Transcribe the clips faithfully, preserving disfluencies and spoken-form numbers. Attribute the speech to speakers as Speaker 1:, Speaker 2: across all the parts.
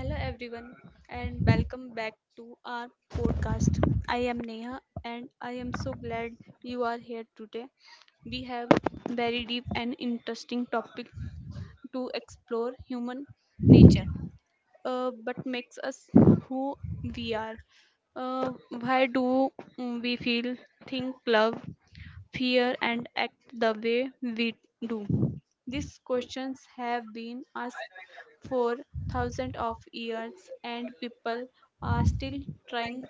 Speaker 1: Hello, everyone, and welcome back to our podcast. I am Neha, and I am so glad you are here today. We have very deep and interesting topic to explore human nature, uh, but makes us who we are. Uh, why do we feel, think, love, fear and act the way we do? These questions have been asked for thousands of years and people are still trying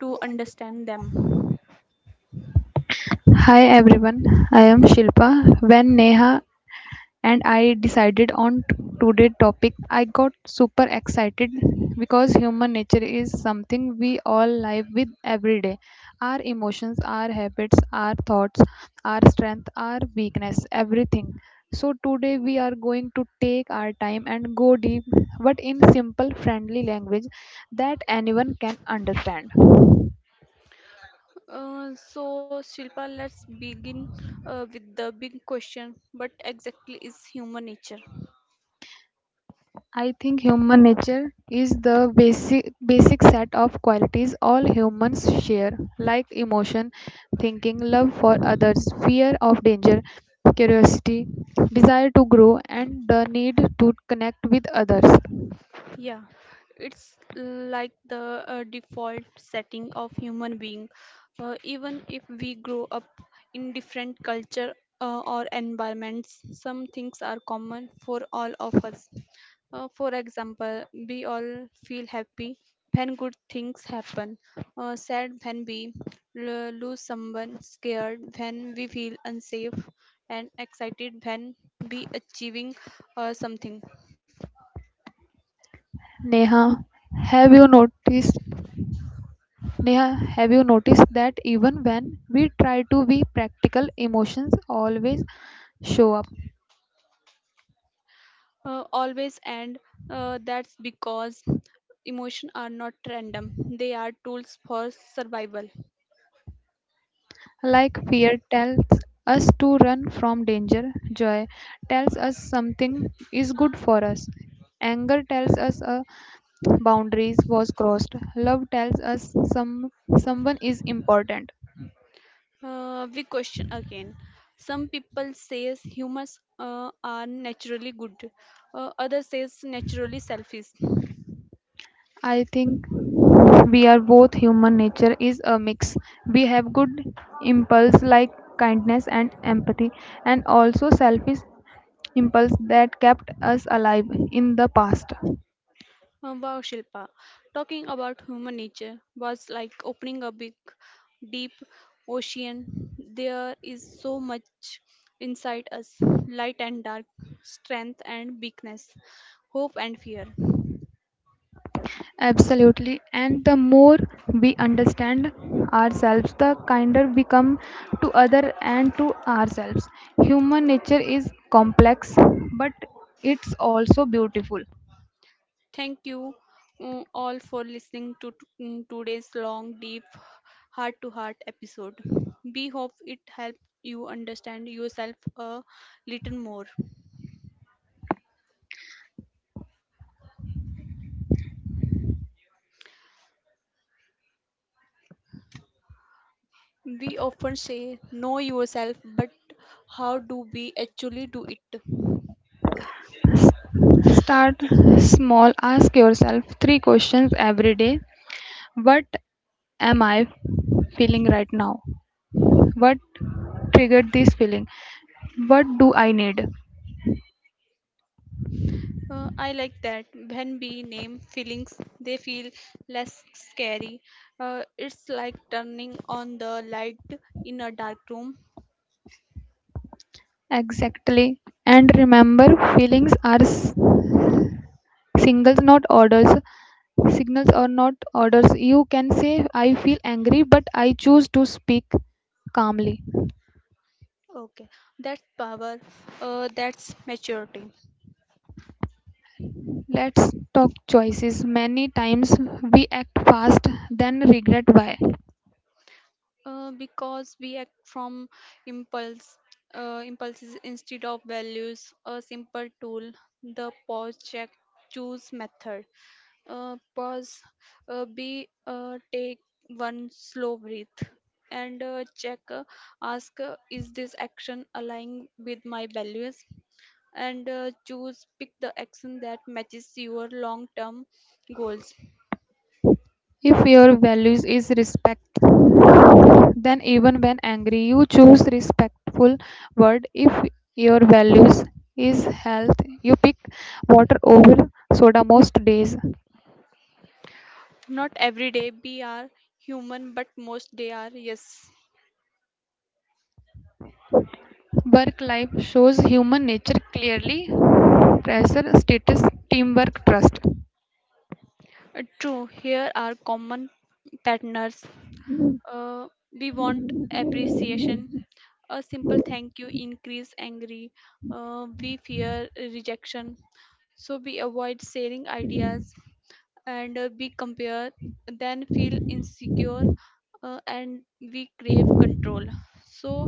Speaker 1: to understand them.
Speaker 2: Hi everyone, I am Shilpa. When Neha and I decided on t- today's topic, I got super excited because human nature is something we all live with every day. Our emotions, our habits, our thoughts, our strength, our weakness, everything. So today we are going to take our time and go deep, but in simple, friendly language that anyone can understand.
Speaker 1: Uh, so, Shilpa, let's begin uh, with the big question, what exactly is human nature?
Speaker 2: I think human nature is the basic basic set of qualities all humans share, like emotion, thinking, love for others, fear of danger, curiosity, desire to grow, and the need to connect with others.
Speaker 1: Yeah, it's like the uh, default setting of human being. Uh, even if we grow up in different culture uh, or environments, some things are common for all of us. Uh, for example, we all feel happy when good things happen, uh, sad when we l- lose someone, scared when we feel unsafe, and excited when we achieving uh, something.
Speaker 2: Neha, have you noticed Neha, have you noticed that even when we try to be practical, emotions always show up?
Speaker 1: Uh, always, and uh, that's because emotions are not random, they are tools for survival.
Speaker 2: Like fear tells us to run from danger, joy tells us something is good for us, anger tells us a boundaries was crossed, love tells us some someone is important.
Speaker 1: Uh, we question again, some people says humans uh, are naturally good, uh, others says naturally selfish.
Speaker 2: I think we are both human nature is a mix. We have good impulse like kindness and empathy and also selfish impulse that kept us alive in the past.
Speaker 1: Uh, Wow, Shilpa. Talking about human nature was like opening a big, deep ocean. There is so much inside us, light and dark, strength and weakness, hope and fear.
Speaker 2: Absolutely. And the more we understand ourselves, the kinder we come to other and to ourselves. Human nature is complex, but it's also beautiful.
Speaker 1: Thank you uh, all for listening to t- mm, today's long, deep, heart to heart episode. We hope it helped you understand yourself a little more. We often say, know yourself, but how do we actually do it?
Speaker 2: S- Start small. Ask yourself three questions every day. What am I feeling right now? What triggered this feeling? What do I need?
Speaker 1: Uh, I like that. When we name feelings, they feel less scary. Uh, it's like turning on the light in a dark room.
Speaker 2: Exactly. And remember, feelings are s- singles not orders signals are not orders. You can say I feel angry but I choose to speak calmly.
Speaker 1: Okay, that's power. Uh, that's maturity.
Speaker 2: Let's talk choices. Many times we act fast then regret why.
Speaker 1: Uh, because we act from impulse, uh, impulses instead of values. A simple tool, the pause, check, choose method. Uh, pause, uh, be uh, take one slow breath, and uh, check. Uh, ask, uh, is this action aligning with my values? And uh, choose, pick the action that matches your long-term goals.
Speaker 2: If your values is respect, then even when angry you choose respectful word. If your values is health, you pick water over soda most days.
Speaker 1: Not every day we are human, but most day are yes.
Speaker 2: Work life shows human nature clearly: pressure, status, teamwork, trust.
Speaker 1: Uh, True. Here are common patterns. Uh, we want appreciation. A simple thank you increase angry. Uh, we fear rejection. So we avoid sharing ideas, and uh, we compare, then feel insecure, uh, and we crave control. So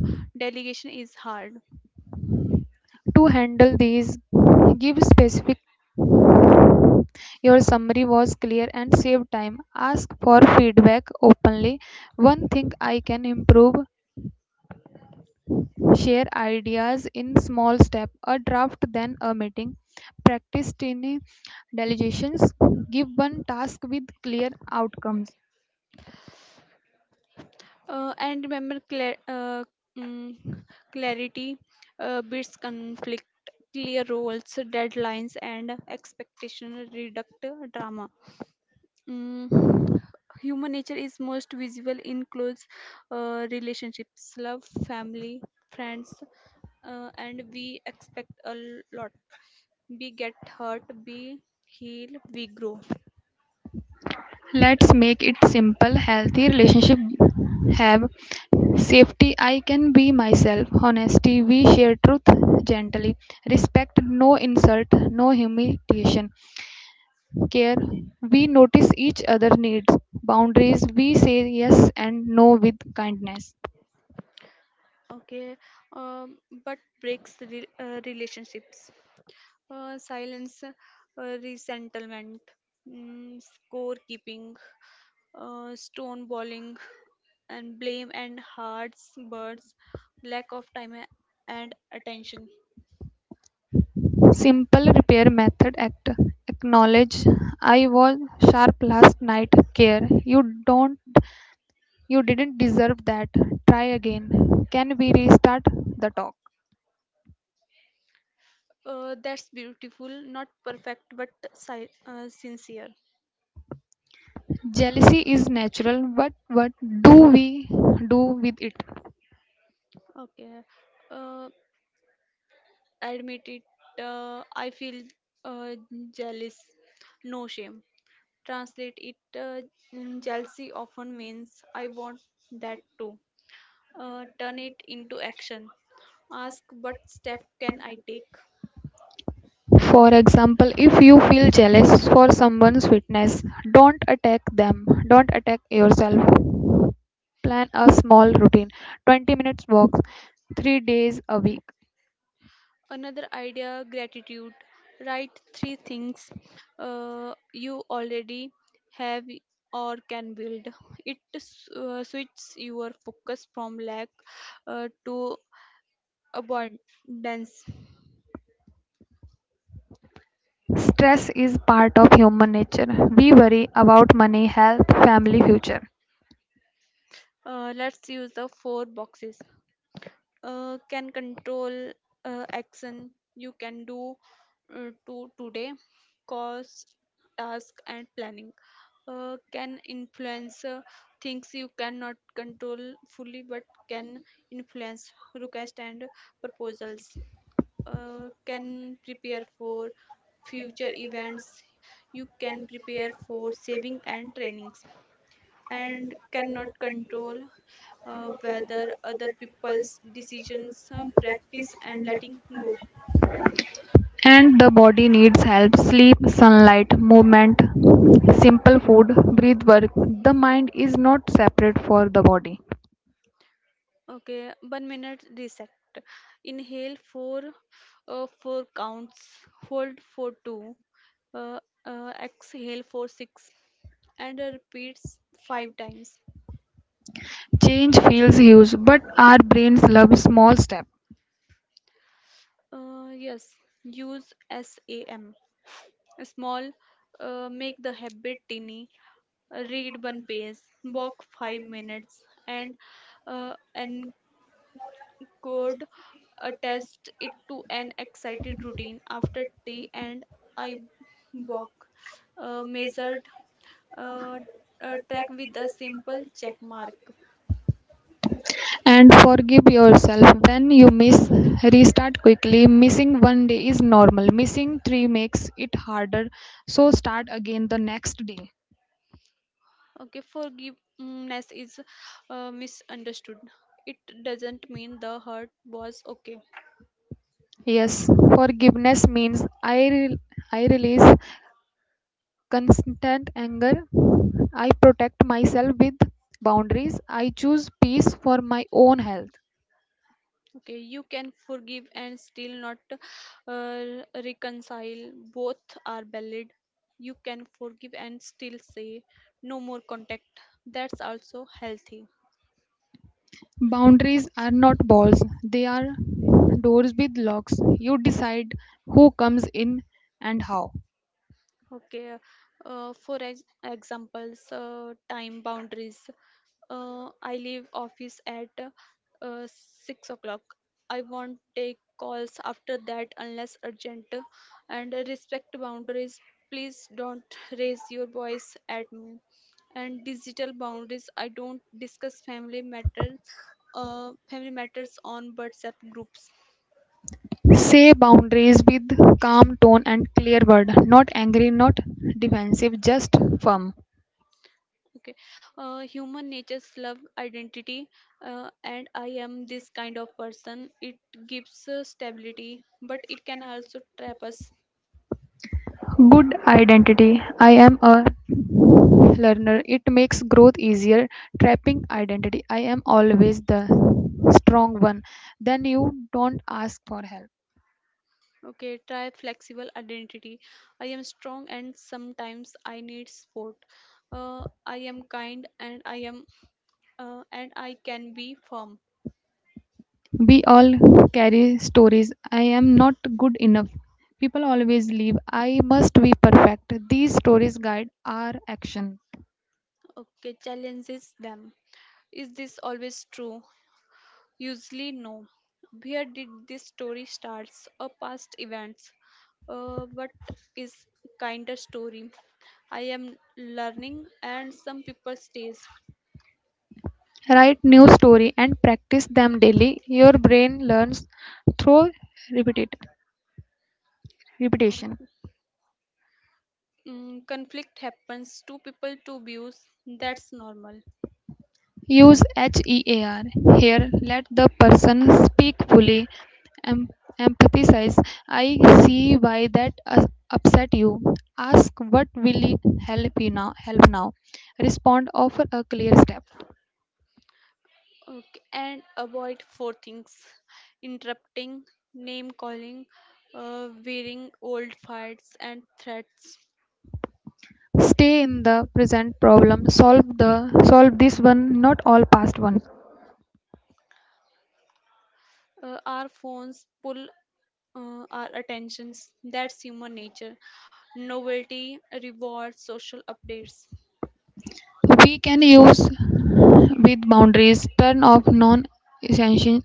Speaker 1: delegation is hard.
Speaker 2: To handle these, give specific. Your summary was clear and save time. Ask for feedback openly. One thing I can improve. Share ideas in small step. A draft then a meeting. Practice tiny delegations. Give one task with clear outcomes.
Speaker 1: Uh, and remember, cla uh, mm, clarity uh, beats conflict. Clear roles, deadlines, and expectation reduct drama. Mm, Human nature is most visible in close uh, relationships, love, family, friends, uh, and we expect a lot. We get hurt, we heal, we grow.
Speaker 2: Let's make it simple. Healthy relationship have safety. I can be myself. Honesty. We share truth gently. Respect. No insult. No humiliation. Care. We notice each other needs. Boundaries. We say yes and no with kindness.
Speaker 1: Okay, um, but breaks re- uh, relationships. Uh, silence, uh, resettlement, mm, scorekeeping, uh, stonewalling, and blame and hearts, birds, lack of time a- and attention.
Speaker 2: Simple repair method. Act. Acknowledge. I was sharp last night. Care. You don't You didn't deserve that. Try again. Can we restart the talk?
Speaker 1: Uh, that's beautiful, not perfect, but si- uh, sincere.
Speaker 2: Jealousy is natural, but what do we do with it?
Speaker 1: Okay. Uh, admit it. Uh, I feel uh, jealous. No shame. Translate it. Uh, mm, jealousy often means I want that too. Uh, turn it into action. Ask, what step can I take?
Speaker 2: For example, if you feel jealous for someone's fitness, don't attack them, don't attack yourself. Plan a small routine: twenty minutes walk, three days a week.
Speaker 1: Another idea, gratitude. Write three things uh, you already have or can build. It s- uh, switches your focus from lack uh, to abundance.
Speaker 2: Stress is part of human nature. We worry about money, health, family, future.
Speaker 1: Uh, let's use the four boxes. Uh, can control, uh, action you can do uh, to today, cost, task and planning. Uh, can influence, uh, things you cannot control fully but can influence, request and proposals. Uh, can prepare for future events you can prepare for, saving and trainings. And cannot control, uh, whether other people's decisions, uh, practice and letting go.
Speaker 2: And the body needs help: sleep, sunlight, movement, simple food, breath work. The mind is not separate for the body.
Speaker 1: Okay, one minute reset. Inhale for uh, four counts, hold for two, uh, uh, exhale for six, and uh, repeats five times.
Speaker 2: Change feels huge, but our brains love small steps.
Speaker 1: Uh, yes, use sam small, uh, make the habit tiny. Read one page, walk five minutes, and uh, encode, attached it to an excited routine after tea, and I walk. Uh, measured, uh, uh, track with a simple check mark.
Speaker 2: And forgive yourself when you miss. Restart quickly. Missing one day is normal. Missing three makes it harder. So start again the next day.
Speaker 1: Okay, forgiveness is uh, misunderstood. It doesn't mean the hurt was okay.
Speaker 2: Yes, forgiveness means I, re- I release constant anger. I protect myself with boundaries. I choose peace for my own health.
Speaker 1: Okay, you can forgive and still not uh, reconcile. Both are valid. You can forgive and still say no more contact. That's also healthy.
Speaker 2: Boundaries are not balls, they are doors with locks. You decide who comes in and how.
Speaker 1: Okay, uh, for ex examples, uh, time boundaries. Uh, I leave office at uh, six o'clock. I won't take calls after that unless urgent. And respect boundaries. Please don't raise your voice at me. And digital boundaries. I don't discuss family matters, uh, family matters on WhatsApp groups.
Speaker 2: Say boundaries with calm tone and clear word, not angry, not defensive, just firm.
Speaker 1: Okay. Uh, human nature's love identity, uh, and I am this kind of person. It gives uh, stability, but it can also trap us.
Speaker 2: Good identity. I am a learner. It makes growth easier. Trapping identity. I am always the strong one. Then you don't ask for help.
Speaker 1: Okay, try flexible identity. I am strong and sometimes I need support. Uh, I am kind and I am uh, and I can be firm.
Speaker 2: We all carry stories. I am not good enough. People always leave. I must be perfect. These stories guide our action.
Speaker 1: Okay, challenges them. Is this always true? Usually, no. Where did this story starts or past events? Uh, what is kinder story? I am learning, and some people stays.
Speaker 2: Write new story and practice them daily. Your brain learns through repeated
Speaker 1: Uh,
Speaker 2: repetition.
Speaker 1: mm, Conflict happens. Two people, two views. That's normal.
Speaker 2: Use HEAR. Here, let the person speak fully. Em- Empathize. I see why that us- upset you. Ask what will help you now. Help now. Respond. Offer a clear step.
Speaker 1: Okay, and avoid four things: interrupting, name calling, uh, wearing old fights and threats.
Speaker 2: Stay in the present problem. Solve the solve this one, not all past ones.
Speaker 1: Uh, our phones pull uh, our attentions. That's human nature. Novelty, rewards, social updates.
Speaker 2: We can use with boundaries, turn off non essential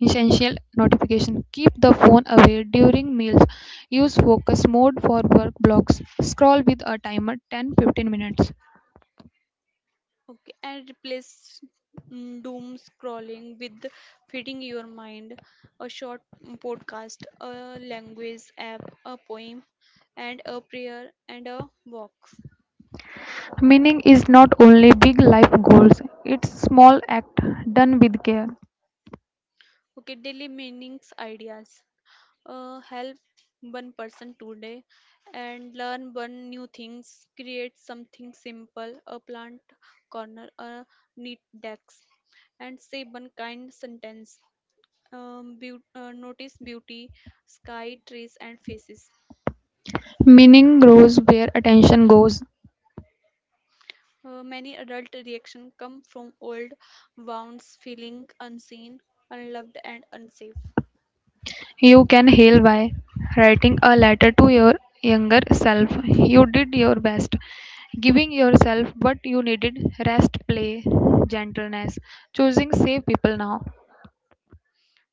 Speaker 2: essential notification, keep the phone away during meals, use focus mode for work blocks, scroll with a timer ten fifteen minutes.
Speaker 1: Okay, and replace mm, doom scrolling with feeding your mind, a short podcast, a language app, a poem, and a prayer and a walk.
Speaker 2: Meaning is not only big life goals, it's small act done with care.
Speaker 1: Okay, daily meanings ideas. Uh, help one person today and learn one new things, create something simple, a plant corner, a neat desk, and say one kind sentence. Um, beau- uh, notice beauty, sky, trees and faces.
Speaker 2: Meaning grows where attention goes.
Speaker 1: Uh, many adult reactions come from old wounds, feeling unseen, unloved and unsafe.
Speaker 2: You can heal by writing a letter to your younger self. You did your best, giving yourself what you needed: rest, play, gentleness, choosing safe people now.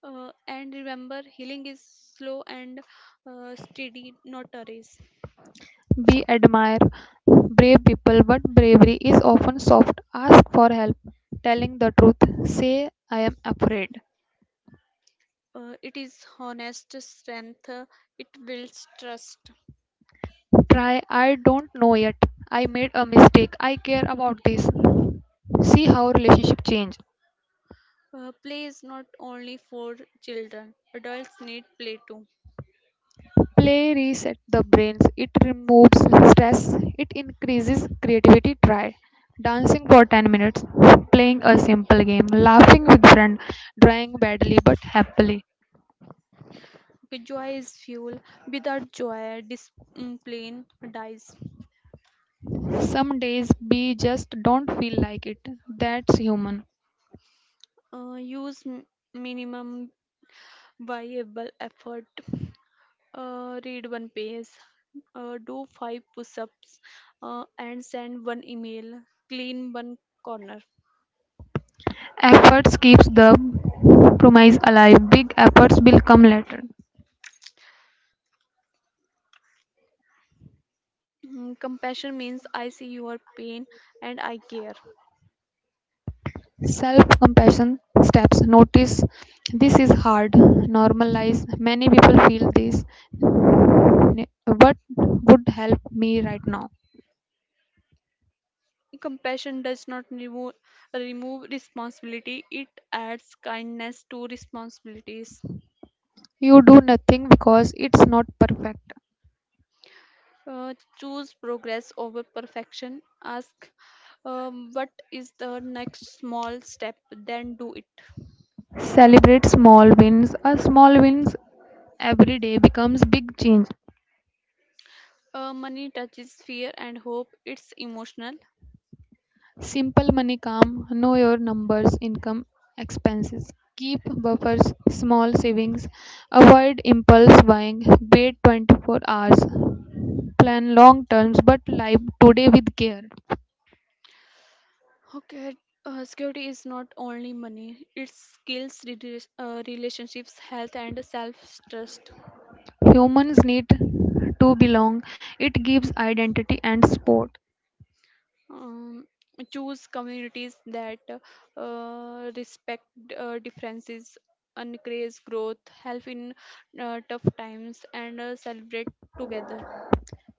Speaker 1: uh, And remember, healing is slow and uh, steady, not a race.
Speaker 2: Be Admire brave people, but bravery is often soft. Ask for help, telling the truth. Say, I am afraid.
Speaker 1: Uh, it is honest strength. uh, It builds trust.
Speaker 2: Try, I don't know yet. I made a mistake. I care about this. See how relationship change.
Speaker 1: Uh, play is not only for children. Adults need play too.
Speaker 2: Play resets the brains. It removes stress, it increases creativity. Try dancing for ten minutes, playing a simple game, laughing with friend, drawing badly but happily.
Speaker 1: With joy is fuel. Without joy, discipline dies.
Speaker 2: Some days we just don't feel like it. That's human.
Speaker 1: Uh, use m- minimum viable effort. Uh, read one page. Uh, do five push-ups, uh, and send one email. Clean one corner.
Speaker 2: Efforts keeps the promise alive. Big efforts will come later.
Speaker 1: Mm, Compassion means I see your pain and I care.
Speaker 2: Self-compassion steps. Notice this is hard. Normalize. Many people feel this. Ne- What would help me right now?
Speaker 1: Compassion does not remove, remove responsibility, it adds kindness to responsibilities.
Speaker 2: You do nothing because it's not perfect.
Speaker 1: Uh, choose progress over perfection. Ask, um, what is the next small step, then do it.
Speaker 2: Celebrate small wins. A small wins every day becomes big change.
Speaker 1: Uh, money touches fear and hope, it's emotional.
Speaker 2: Simple money calm, know your numbers, income, expenses. Keep buffers, small savings. Avoid impulse buying. Wait twenty-four hours. Plan long terms but live today with care.
Speaker 1: Okay, uh, security is not only money, it's skills, rela- uh, relationships, health, and self trust.
Speaker 2: Humans need to belong. It gives identity and support.
Speaker 1: um, Choose communities that uh, respect uh, differences, encourage growth, help in uh, tough times, and uh, celebrate together.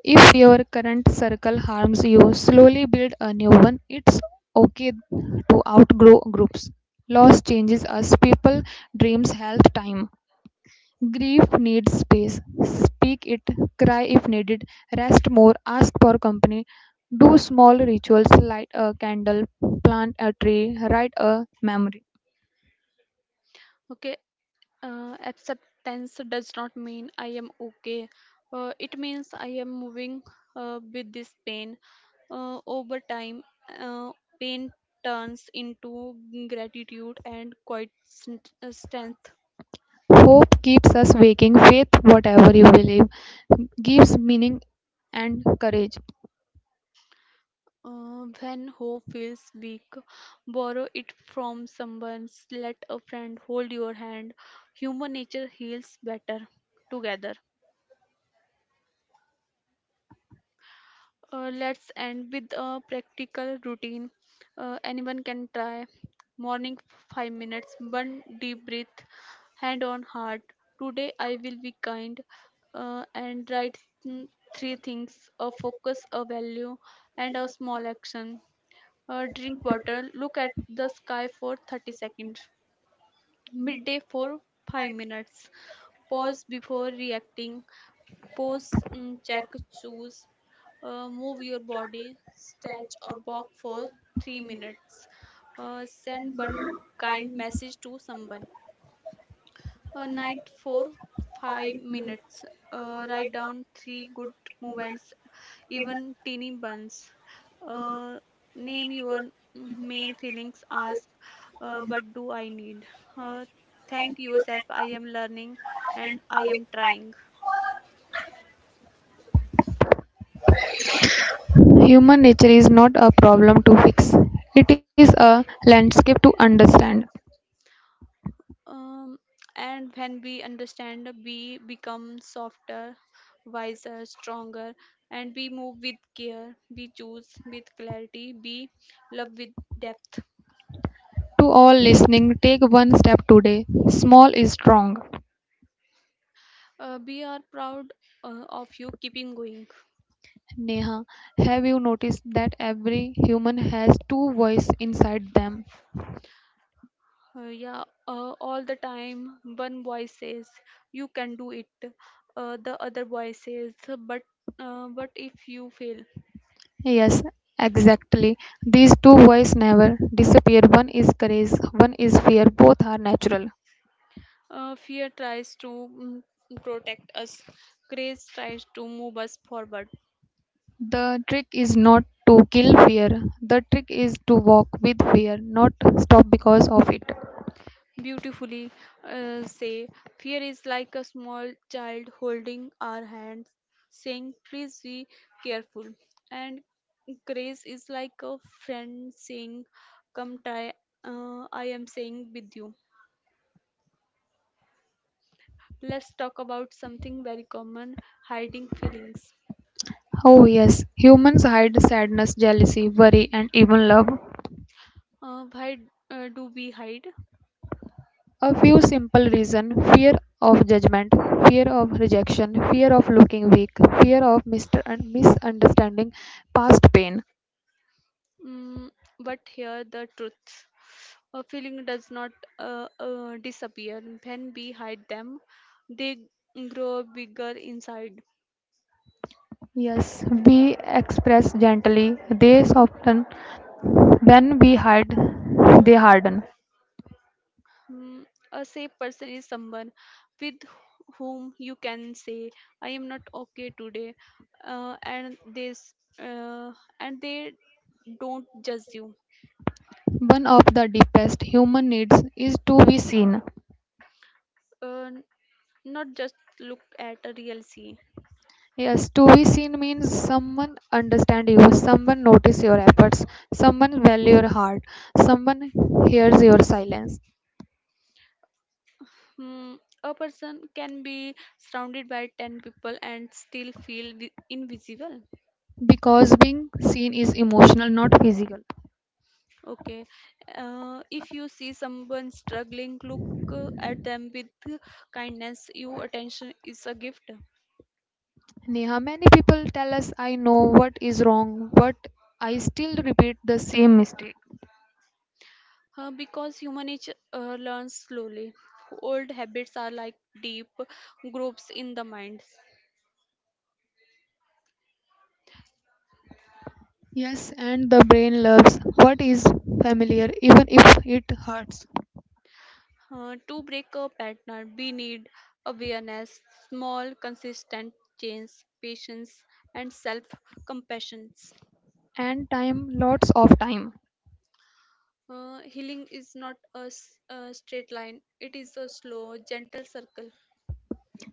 Speaker 2: If your current circle harms you, slowly build a new one. It's okay to outgrow groups. Loss changes us: people, dreams, health, time. Grief needs space. Speak it, cry if needed, rest more, ask for company, do small rituals, light a candle, plant a tree, write a memory.
Speaker 1: Okay, uh, acceptance does not mean I am okay. Uh, it means I am moving uh, with this pain. Uh, over time, uh, pain turns into gratitude and quite strength.
Speaker 2: Hope keeps us waking, faith, whatever you believe, gives meaning and courage.
Speaker 1: Uh, when hope feels weak, borrow it from someone. Let a friend hold your hand. Human nature heals better together. Uh, let's end with a practical routine. Uh, anyone can try. Morning five minutes, one deep breath, hand on heart. Today I will be kind, uh, and write mm, three things, a focus, a value, and a small action. Uh, drink water, look at the sky for thirty seconds. Midday for five minutes, pause before reacting, pause, mm, check, choose, uh, move your body, stretch or walk for three minutes, uh, send one kind message to someone. A night for five minutes, uh, write down three good moments, even teeny buns. Uh, Name your main feelings, ask, uh, but do I need? Uh, thank yourself, I am learning and I am trying.
Speaker 2: Human nature is not a problem to fix, it is a landscape to understand.
Speaker 1: Um, and when we understand, we become softer, wiser, stronger, and we move with care, we choose with clarity, we love with depth.
Speaker 2: To all listening, take one step today. Small is strong.
Speaker 1: Uh, we are proud uh, of you keeping going.
Speaker 2: Neha, have you noticed that every human has two voices inside them?
Speaker 1: Uh, yeah, uh, all the time, one voice says you can do it. Uh, the other voice says, but uh, what if you fail?
Speaker 2: Yes, exactly. These two voices never disappear. One is courage, one is fear. Both are natural.
Speaker 1: Uh, fear tries to mm, protect us. Grace tries to move us forward.
Speaker 2: The trick is not to kill fear. The trick is to walk with fear, not stop because of it.
Speaker 1: Beautifully uh, say, fear is like a small child holding our hands, saying, please be careful. And grace is like a friend saying, come try. Uh, I am saying with you. Let's talk about something very common, hiding feelings.
Speaker 2: Oh, yes, humans hide sadness, jealousy, worry, and even love.
Speaker 1: Uh, why uh, do we hide?
Speaker 2: A few simple reasons: fear of judgment, fear of rejection, fear of looking weak, fear of mister- and misunderstanding, past pain.
Speaker 1: Mm, but here the truth. A feeling does not uh, uh, disappear. When we hide them, they grow bigger inside.
Speaker 2: Yes, we express gently, they soften. When we hide, they harden.
Speaker 1: Mm, a safe person is someone with whom you can say, "I am not okay today," uh, and this uh, and they don't judge you.
Speaker 2: One of the deepest human needs is to be seen.
Speaker 1: Uh, not just look at a real sea.
Speaker 2: Yes, to be seen means someone understand you, someone notice your efforts, someone value your heart, someone hears your silence.
Speaker 1: Hmm, a person can be surrounded by ten people and still feel vi- invisible.
Speaker 2: Because being seen is emotional, not physical.
Speaker 1: Okay, uh, if you see someone struggling, look uh, at them with kindness. Your attention is a gift.
Speaker 2: Neha, many people tell us, I know what is wrong, but I still repeat the same mistake.
Speaker 1: Uh, because human nature uh, learns slowly. Old habits are like deep grooves in the mind.
Speaker 2: Yes, and the brain loves what is familiar, even if it hurts.
Speaker 1: Uh, to break a pattern, we need awareness, small, consistent change, patience, and self compassion.
Speaker 2: And time, lots of time.
Speaker 1: Uh, healing is not a, s- a straight line, it is a slow, gentle circle.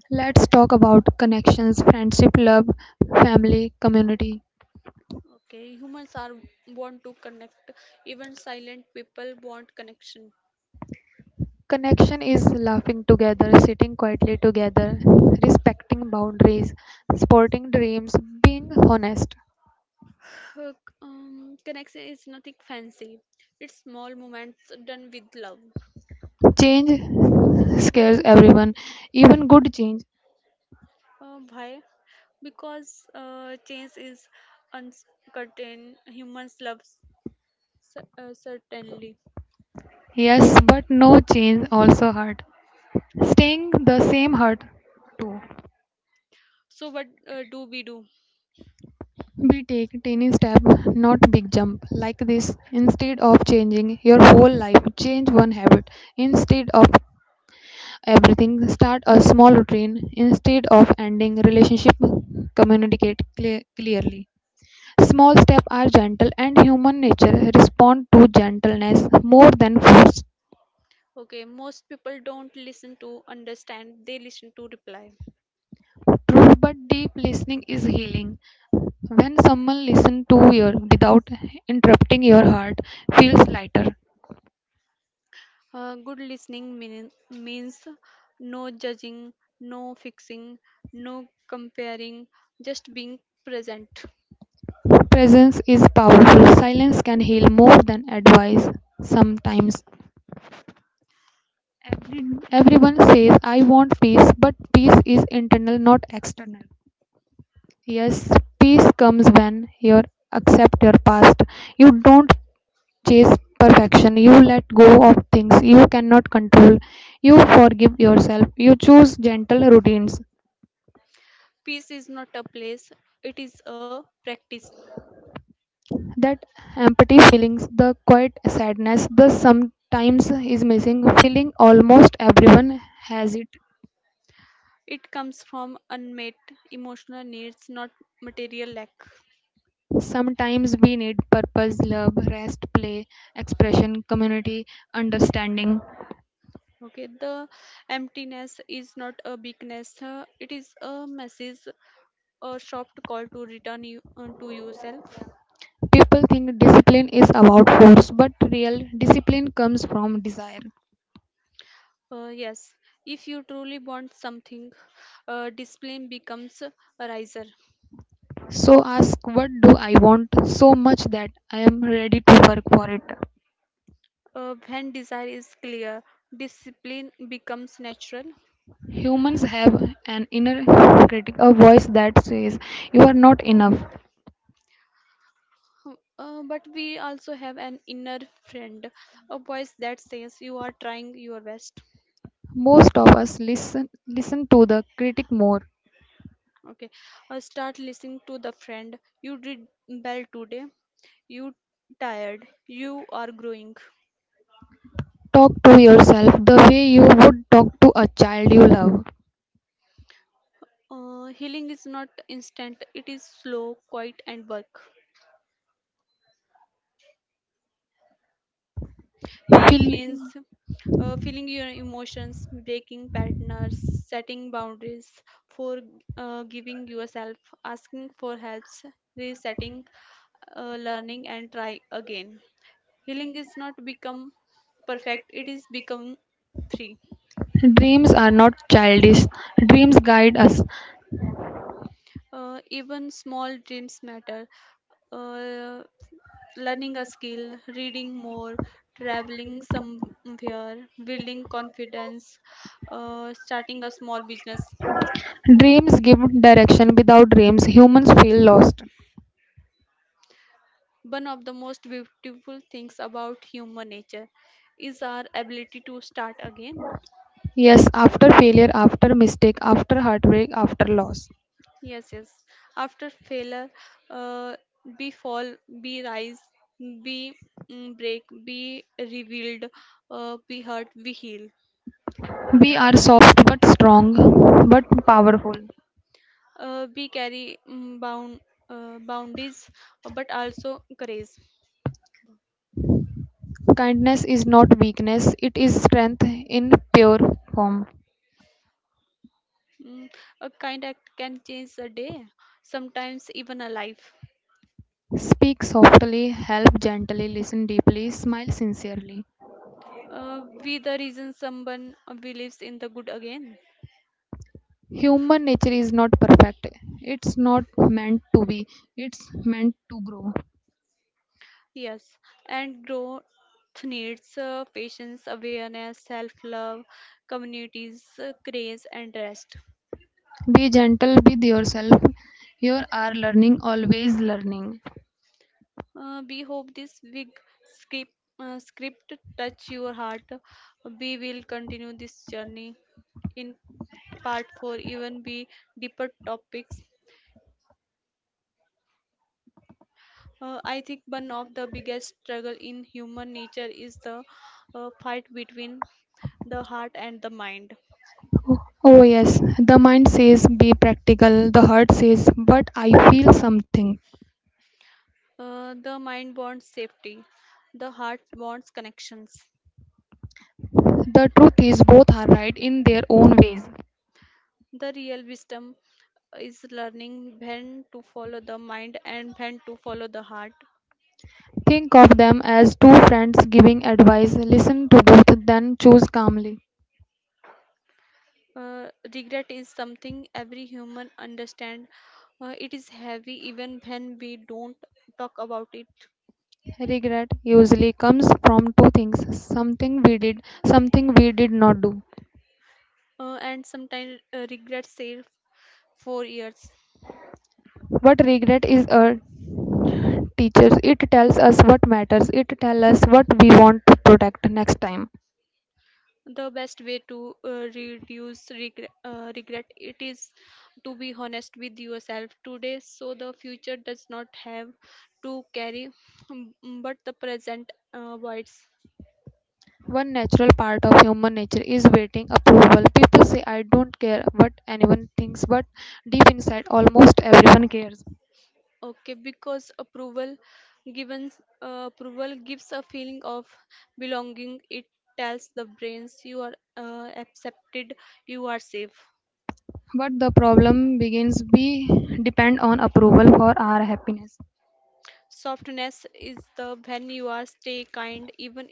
Speaker 2: Let's talk about connections: friendship, love, family, community.
Speaker 1: Okay, humans are want to connect, even silent people want connection.
Speaker 2: Connection is laughing together, sitting quietly together, respecting boundaries, supporting dreams, being honest.
Speaker 1: Uh, um, Connection is nothing fancy, it's small moments done with love.
Speaker 2: Change scares everyone, even good change.
Speaker 1: Uh, why? Because uh, change is uncertain. Humans love cer- uh, certainly.
Speaker 2: Yes, but no change also hurt. Staying the same hurt too.
Speaker 1: So what uh, do we do?
Speaker 2: We take tiny step, not big jump. Like this, instead of changing your whole life, change one habit. Instead of everything, start a small routine. Instead of ending relationship, communicate cle- clearly. Small steps are gentle, and human nature respond to gentleness more than force.
Speaker 1: Okay, most people don't listen to understand. They listen to reply.
Speaker 2: True, but deep listening is healing. When someone listens to you without interrupting your heart, feels lighter.
Speaker 1: Uh, good listening mean, means no judging, no fixing, no comparing, just being present.
Speaker 2: Presence is powerful. Silence can heal more than advice. Sometimes Every, Everyone says, I want peace, but peace is internal, not external. Yes, peace comes when you accept your past. You don't chase perfection. You let go of things you cannot control. You forgive yourself. You choose gentle routines.
Speaker 1: Peace is not a place; it is a practice.
Speaker 2: That empty feelings, the quiet sadness, the sometimes is missing feeling almost everyone has it.
Speaker 1: It comes from unmet emotional needs, not material lack.
Speaker 2: Sometimes we need purpose, love, rest, play, expression, community, understanding.
Speaker 1: Okay, the emptiness is not a weakness, uh, it is a message, a sharp call to return you, uh, to yourself.
Speaker 2: People think discipline is about force, but real discipline comes from desire.
Speaker 1: Uh, yes, if you truly want something, uh, discipline becomes a riser.
Speaker 2: So ask what do I want so much that I am ready to work for it.
Speaker 1: Uh, when desire is clear, discipline becomes natural.
Speaker 2: Humans have an inner critic, a voice that says you are not enough.
Speaker 1: Uh, but we also have an inner friend, a voice that says you are trying your best.
Speaker 2: Most of us listen listen to the critic more.
Speaker 1: Okay, or start listening to the friend. You did well today. You tired. You are growing.
Speaker 2: Talk to yourself the way you would talk to a child you love.
Speaker 1: Uh, healing is not instant. It is slow, quiet, and work. Healing
Speaker 2: Feel
Speaker 1: means uh, feeling your emotions, breaking partners, setting boundaries, for uh, giving yourself, asking for helps, resetting, uh, learning, and try again. Healing is not become perfect. It is become free.
Speaker 2: Dreams are not childish. Dreams guide us.
Speaker 1: Uh, even small dreams matter. Uh, Learning a skill, reading more, traveling somewhere, building confidence, uh, starting a small business.
Speaker 2: Dreams give direction. Without dreams, humans feel lost.
Speaker 1: One of the most beautiful things about human nature is our ability to start again.
Speaker 2: Yes, after failure, after mistake, after heartbreak, after loss.
Speaker 1: Yes, yes. After failure, uh, be fall, be rise, be mm, break, be revealed, uh, be hurt, be heal.
Speaker 2: We are soft but strong but powerful.
Speaker 1: Uh, we carry mm, bound uh, boundaries uh, but also grace.
Speaker 2: Kindness is not weakness, it is strength in pure form.
Speaker 1: Mm, a kind act can change a day, sometimes even a life
Speaker 2: Speak softly, help gently, listen deeply, smile sincerely.
Speaker 1: uh, We the reason someone uh, believes in the good again.
Speaker 2: Human nature is not perfect. It's not meant to be, it's meant to grow.
Speaker 1: Yes, and growth needs uh, patience, awareness, self love, communities, uh, grace and rest.
Speaker 2: Be gentle with yourself. You are learning, always learning.
Speaker 1: Uh, we hope this big script uh, script touch your heart. We will continue this journey in part four, even be deeper topics. Uh, I think one of the biggest struggle in human nature is the uh, fight between the heart and the mind.
Speaker 2: Oh, oh, yes. The mind says be practical, the heart says but I feel something.
Speaker 1: Uh, the mind wants safety, the heart wants connections.
Speaker 2: The truth is, both are right in their own ways.
Speaker 1: The real wisdom is learning when to follow the mind and when to follow the heart.
Speaker 2: Think of them as two friends giving advice, listen to both, then choose calmly.
Speaker 1: Uh, regret is something every human understand. Uh, it is heavy even when we don't talk about it.
Speaker 2: Regret usually comes from two things: something we did, something we did not do.
Speaker 1: Uh, and sometimes uh, regret save four years.
Speaker 2: But regret is a teacher, it tells us what matters, it tells us what we want to protect next time.
Speaker 1: The best way to uh, reduce regret, uh, regret it is to be honest with yourself today, so the future does not have to carry, mm, but the present uh, voids.
Speaker 2: One natural part of human nature is waiting approval. People say, I don't care what anyone thinks, but deep inside, almost everyone cares.
Speaker 1: Okay, because approval given uh, approval gives a feeling of belonging. It tells the brains you are uh, accepted, you are safe.
Speaker 2: But the problem begins we depend on approval for our happiness.
Speaker 1: Softness is the when you are stay kind even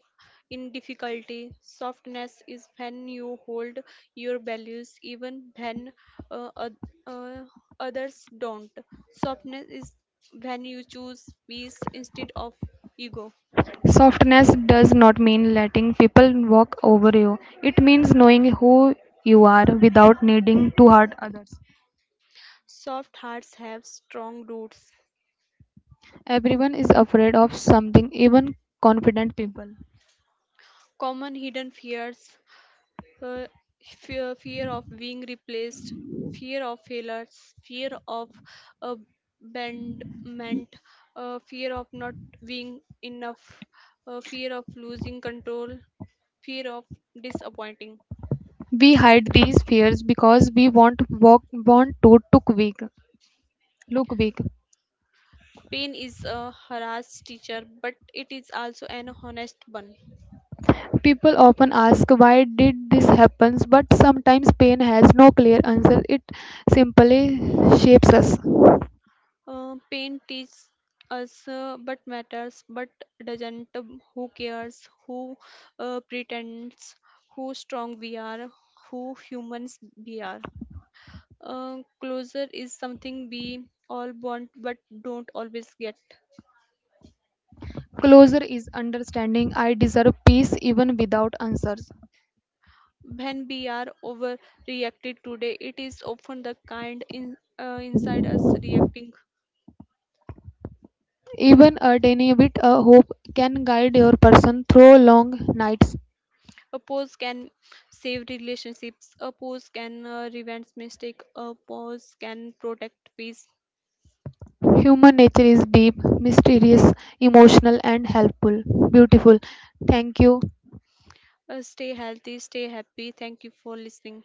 Speaker 1: in difficulty. Softness is when you hold your values even when uh, oth- uh, others don't. Softness is when you choose peace instead of ego.
Speaker 2: Softness does not mean letting people walk over you, it means knowing who you are without needing to hurt others.
Speaker 1: Soft hearts have strong roots.
Speaker 2: Everyone is afraid of something, even confident people.
Speaker 1: Common hidden fears, uh, fear, fear of being replaced, fear of failures, fear of abandonment, uh, fear of not being enough, uh, fear of losing control, fear of disappointing.
Speaker 2: We hide these fears because we want walk, want to look weak. Look big.
Speaker 1: Pain is a harassed teacher, but it is also an honest one.
Speaker 2: People often ask why did this happen, but sometimes pain has no clear answer. It simply shapes us.
Speaker 1: Uh, pain teaches us uh, but matters but doesn't. Um, who cares, who uh, pretends, who strong we are, who humans we are uh, Closure is something we all want but don't always get.
Speaker 2: Closure is understanding I deserve peace even without answers.
Speaker 1: When we are overreacted today, it is often the kind in uh, inside us reacting.
Speaker 2: Even a tiny bit of hope can guide your person through long nights.
Speaker 1: A pause can save relationships, a pause can uh, prevent mistake, a pause can protect peace.
Speaker 2: Human nature is deep, mysterious, emotional, and helpful. Beautiful. Thank you.
Speaker 1: Uh, stay healthy, stay happy. Thank you for listening.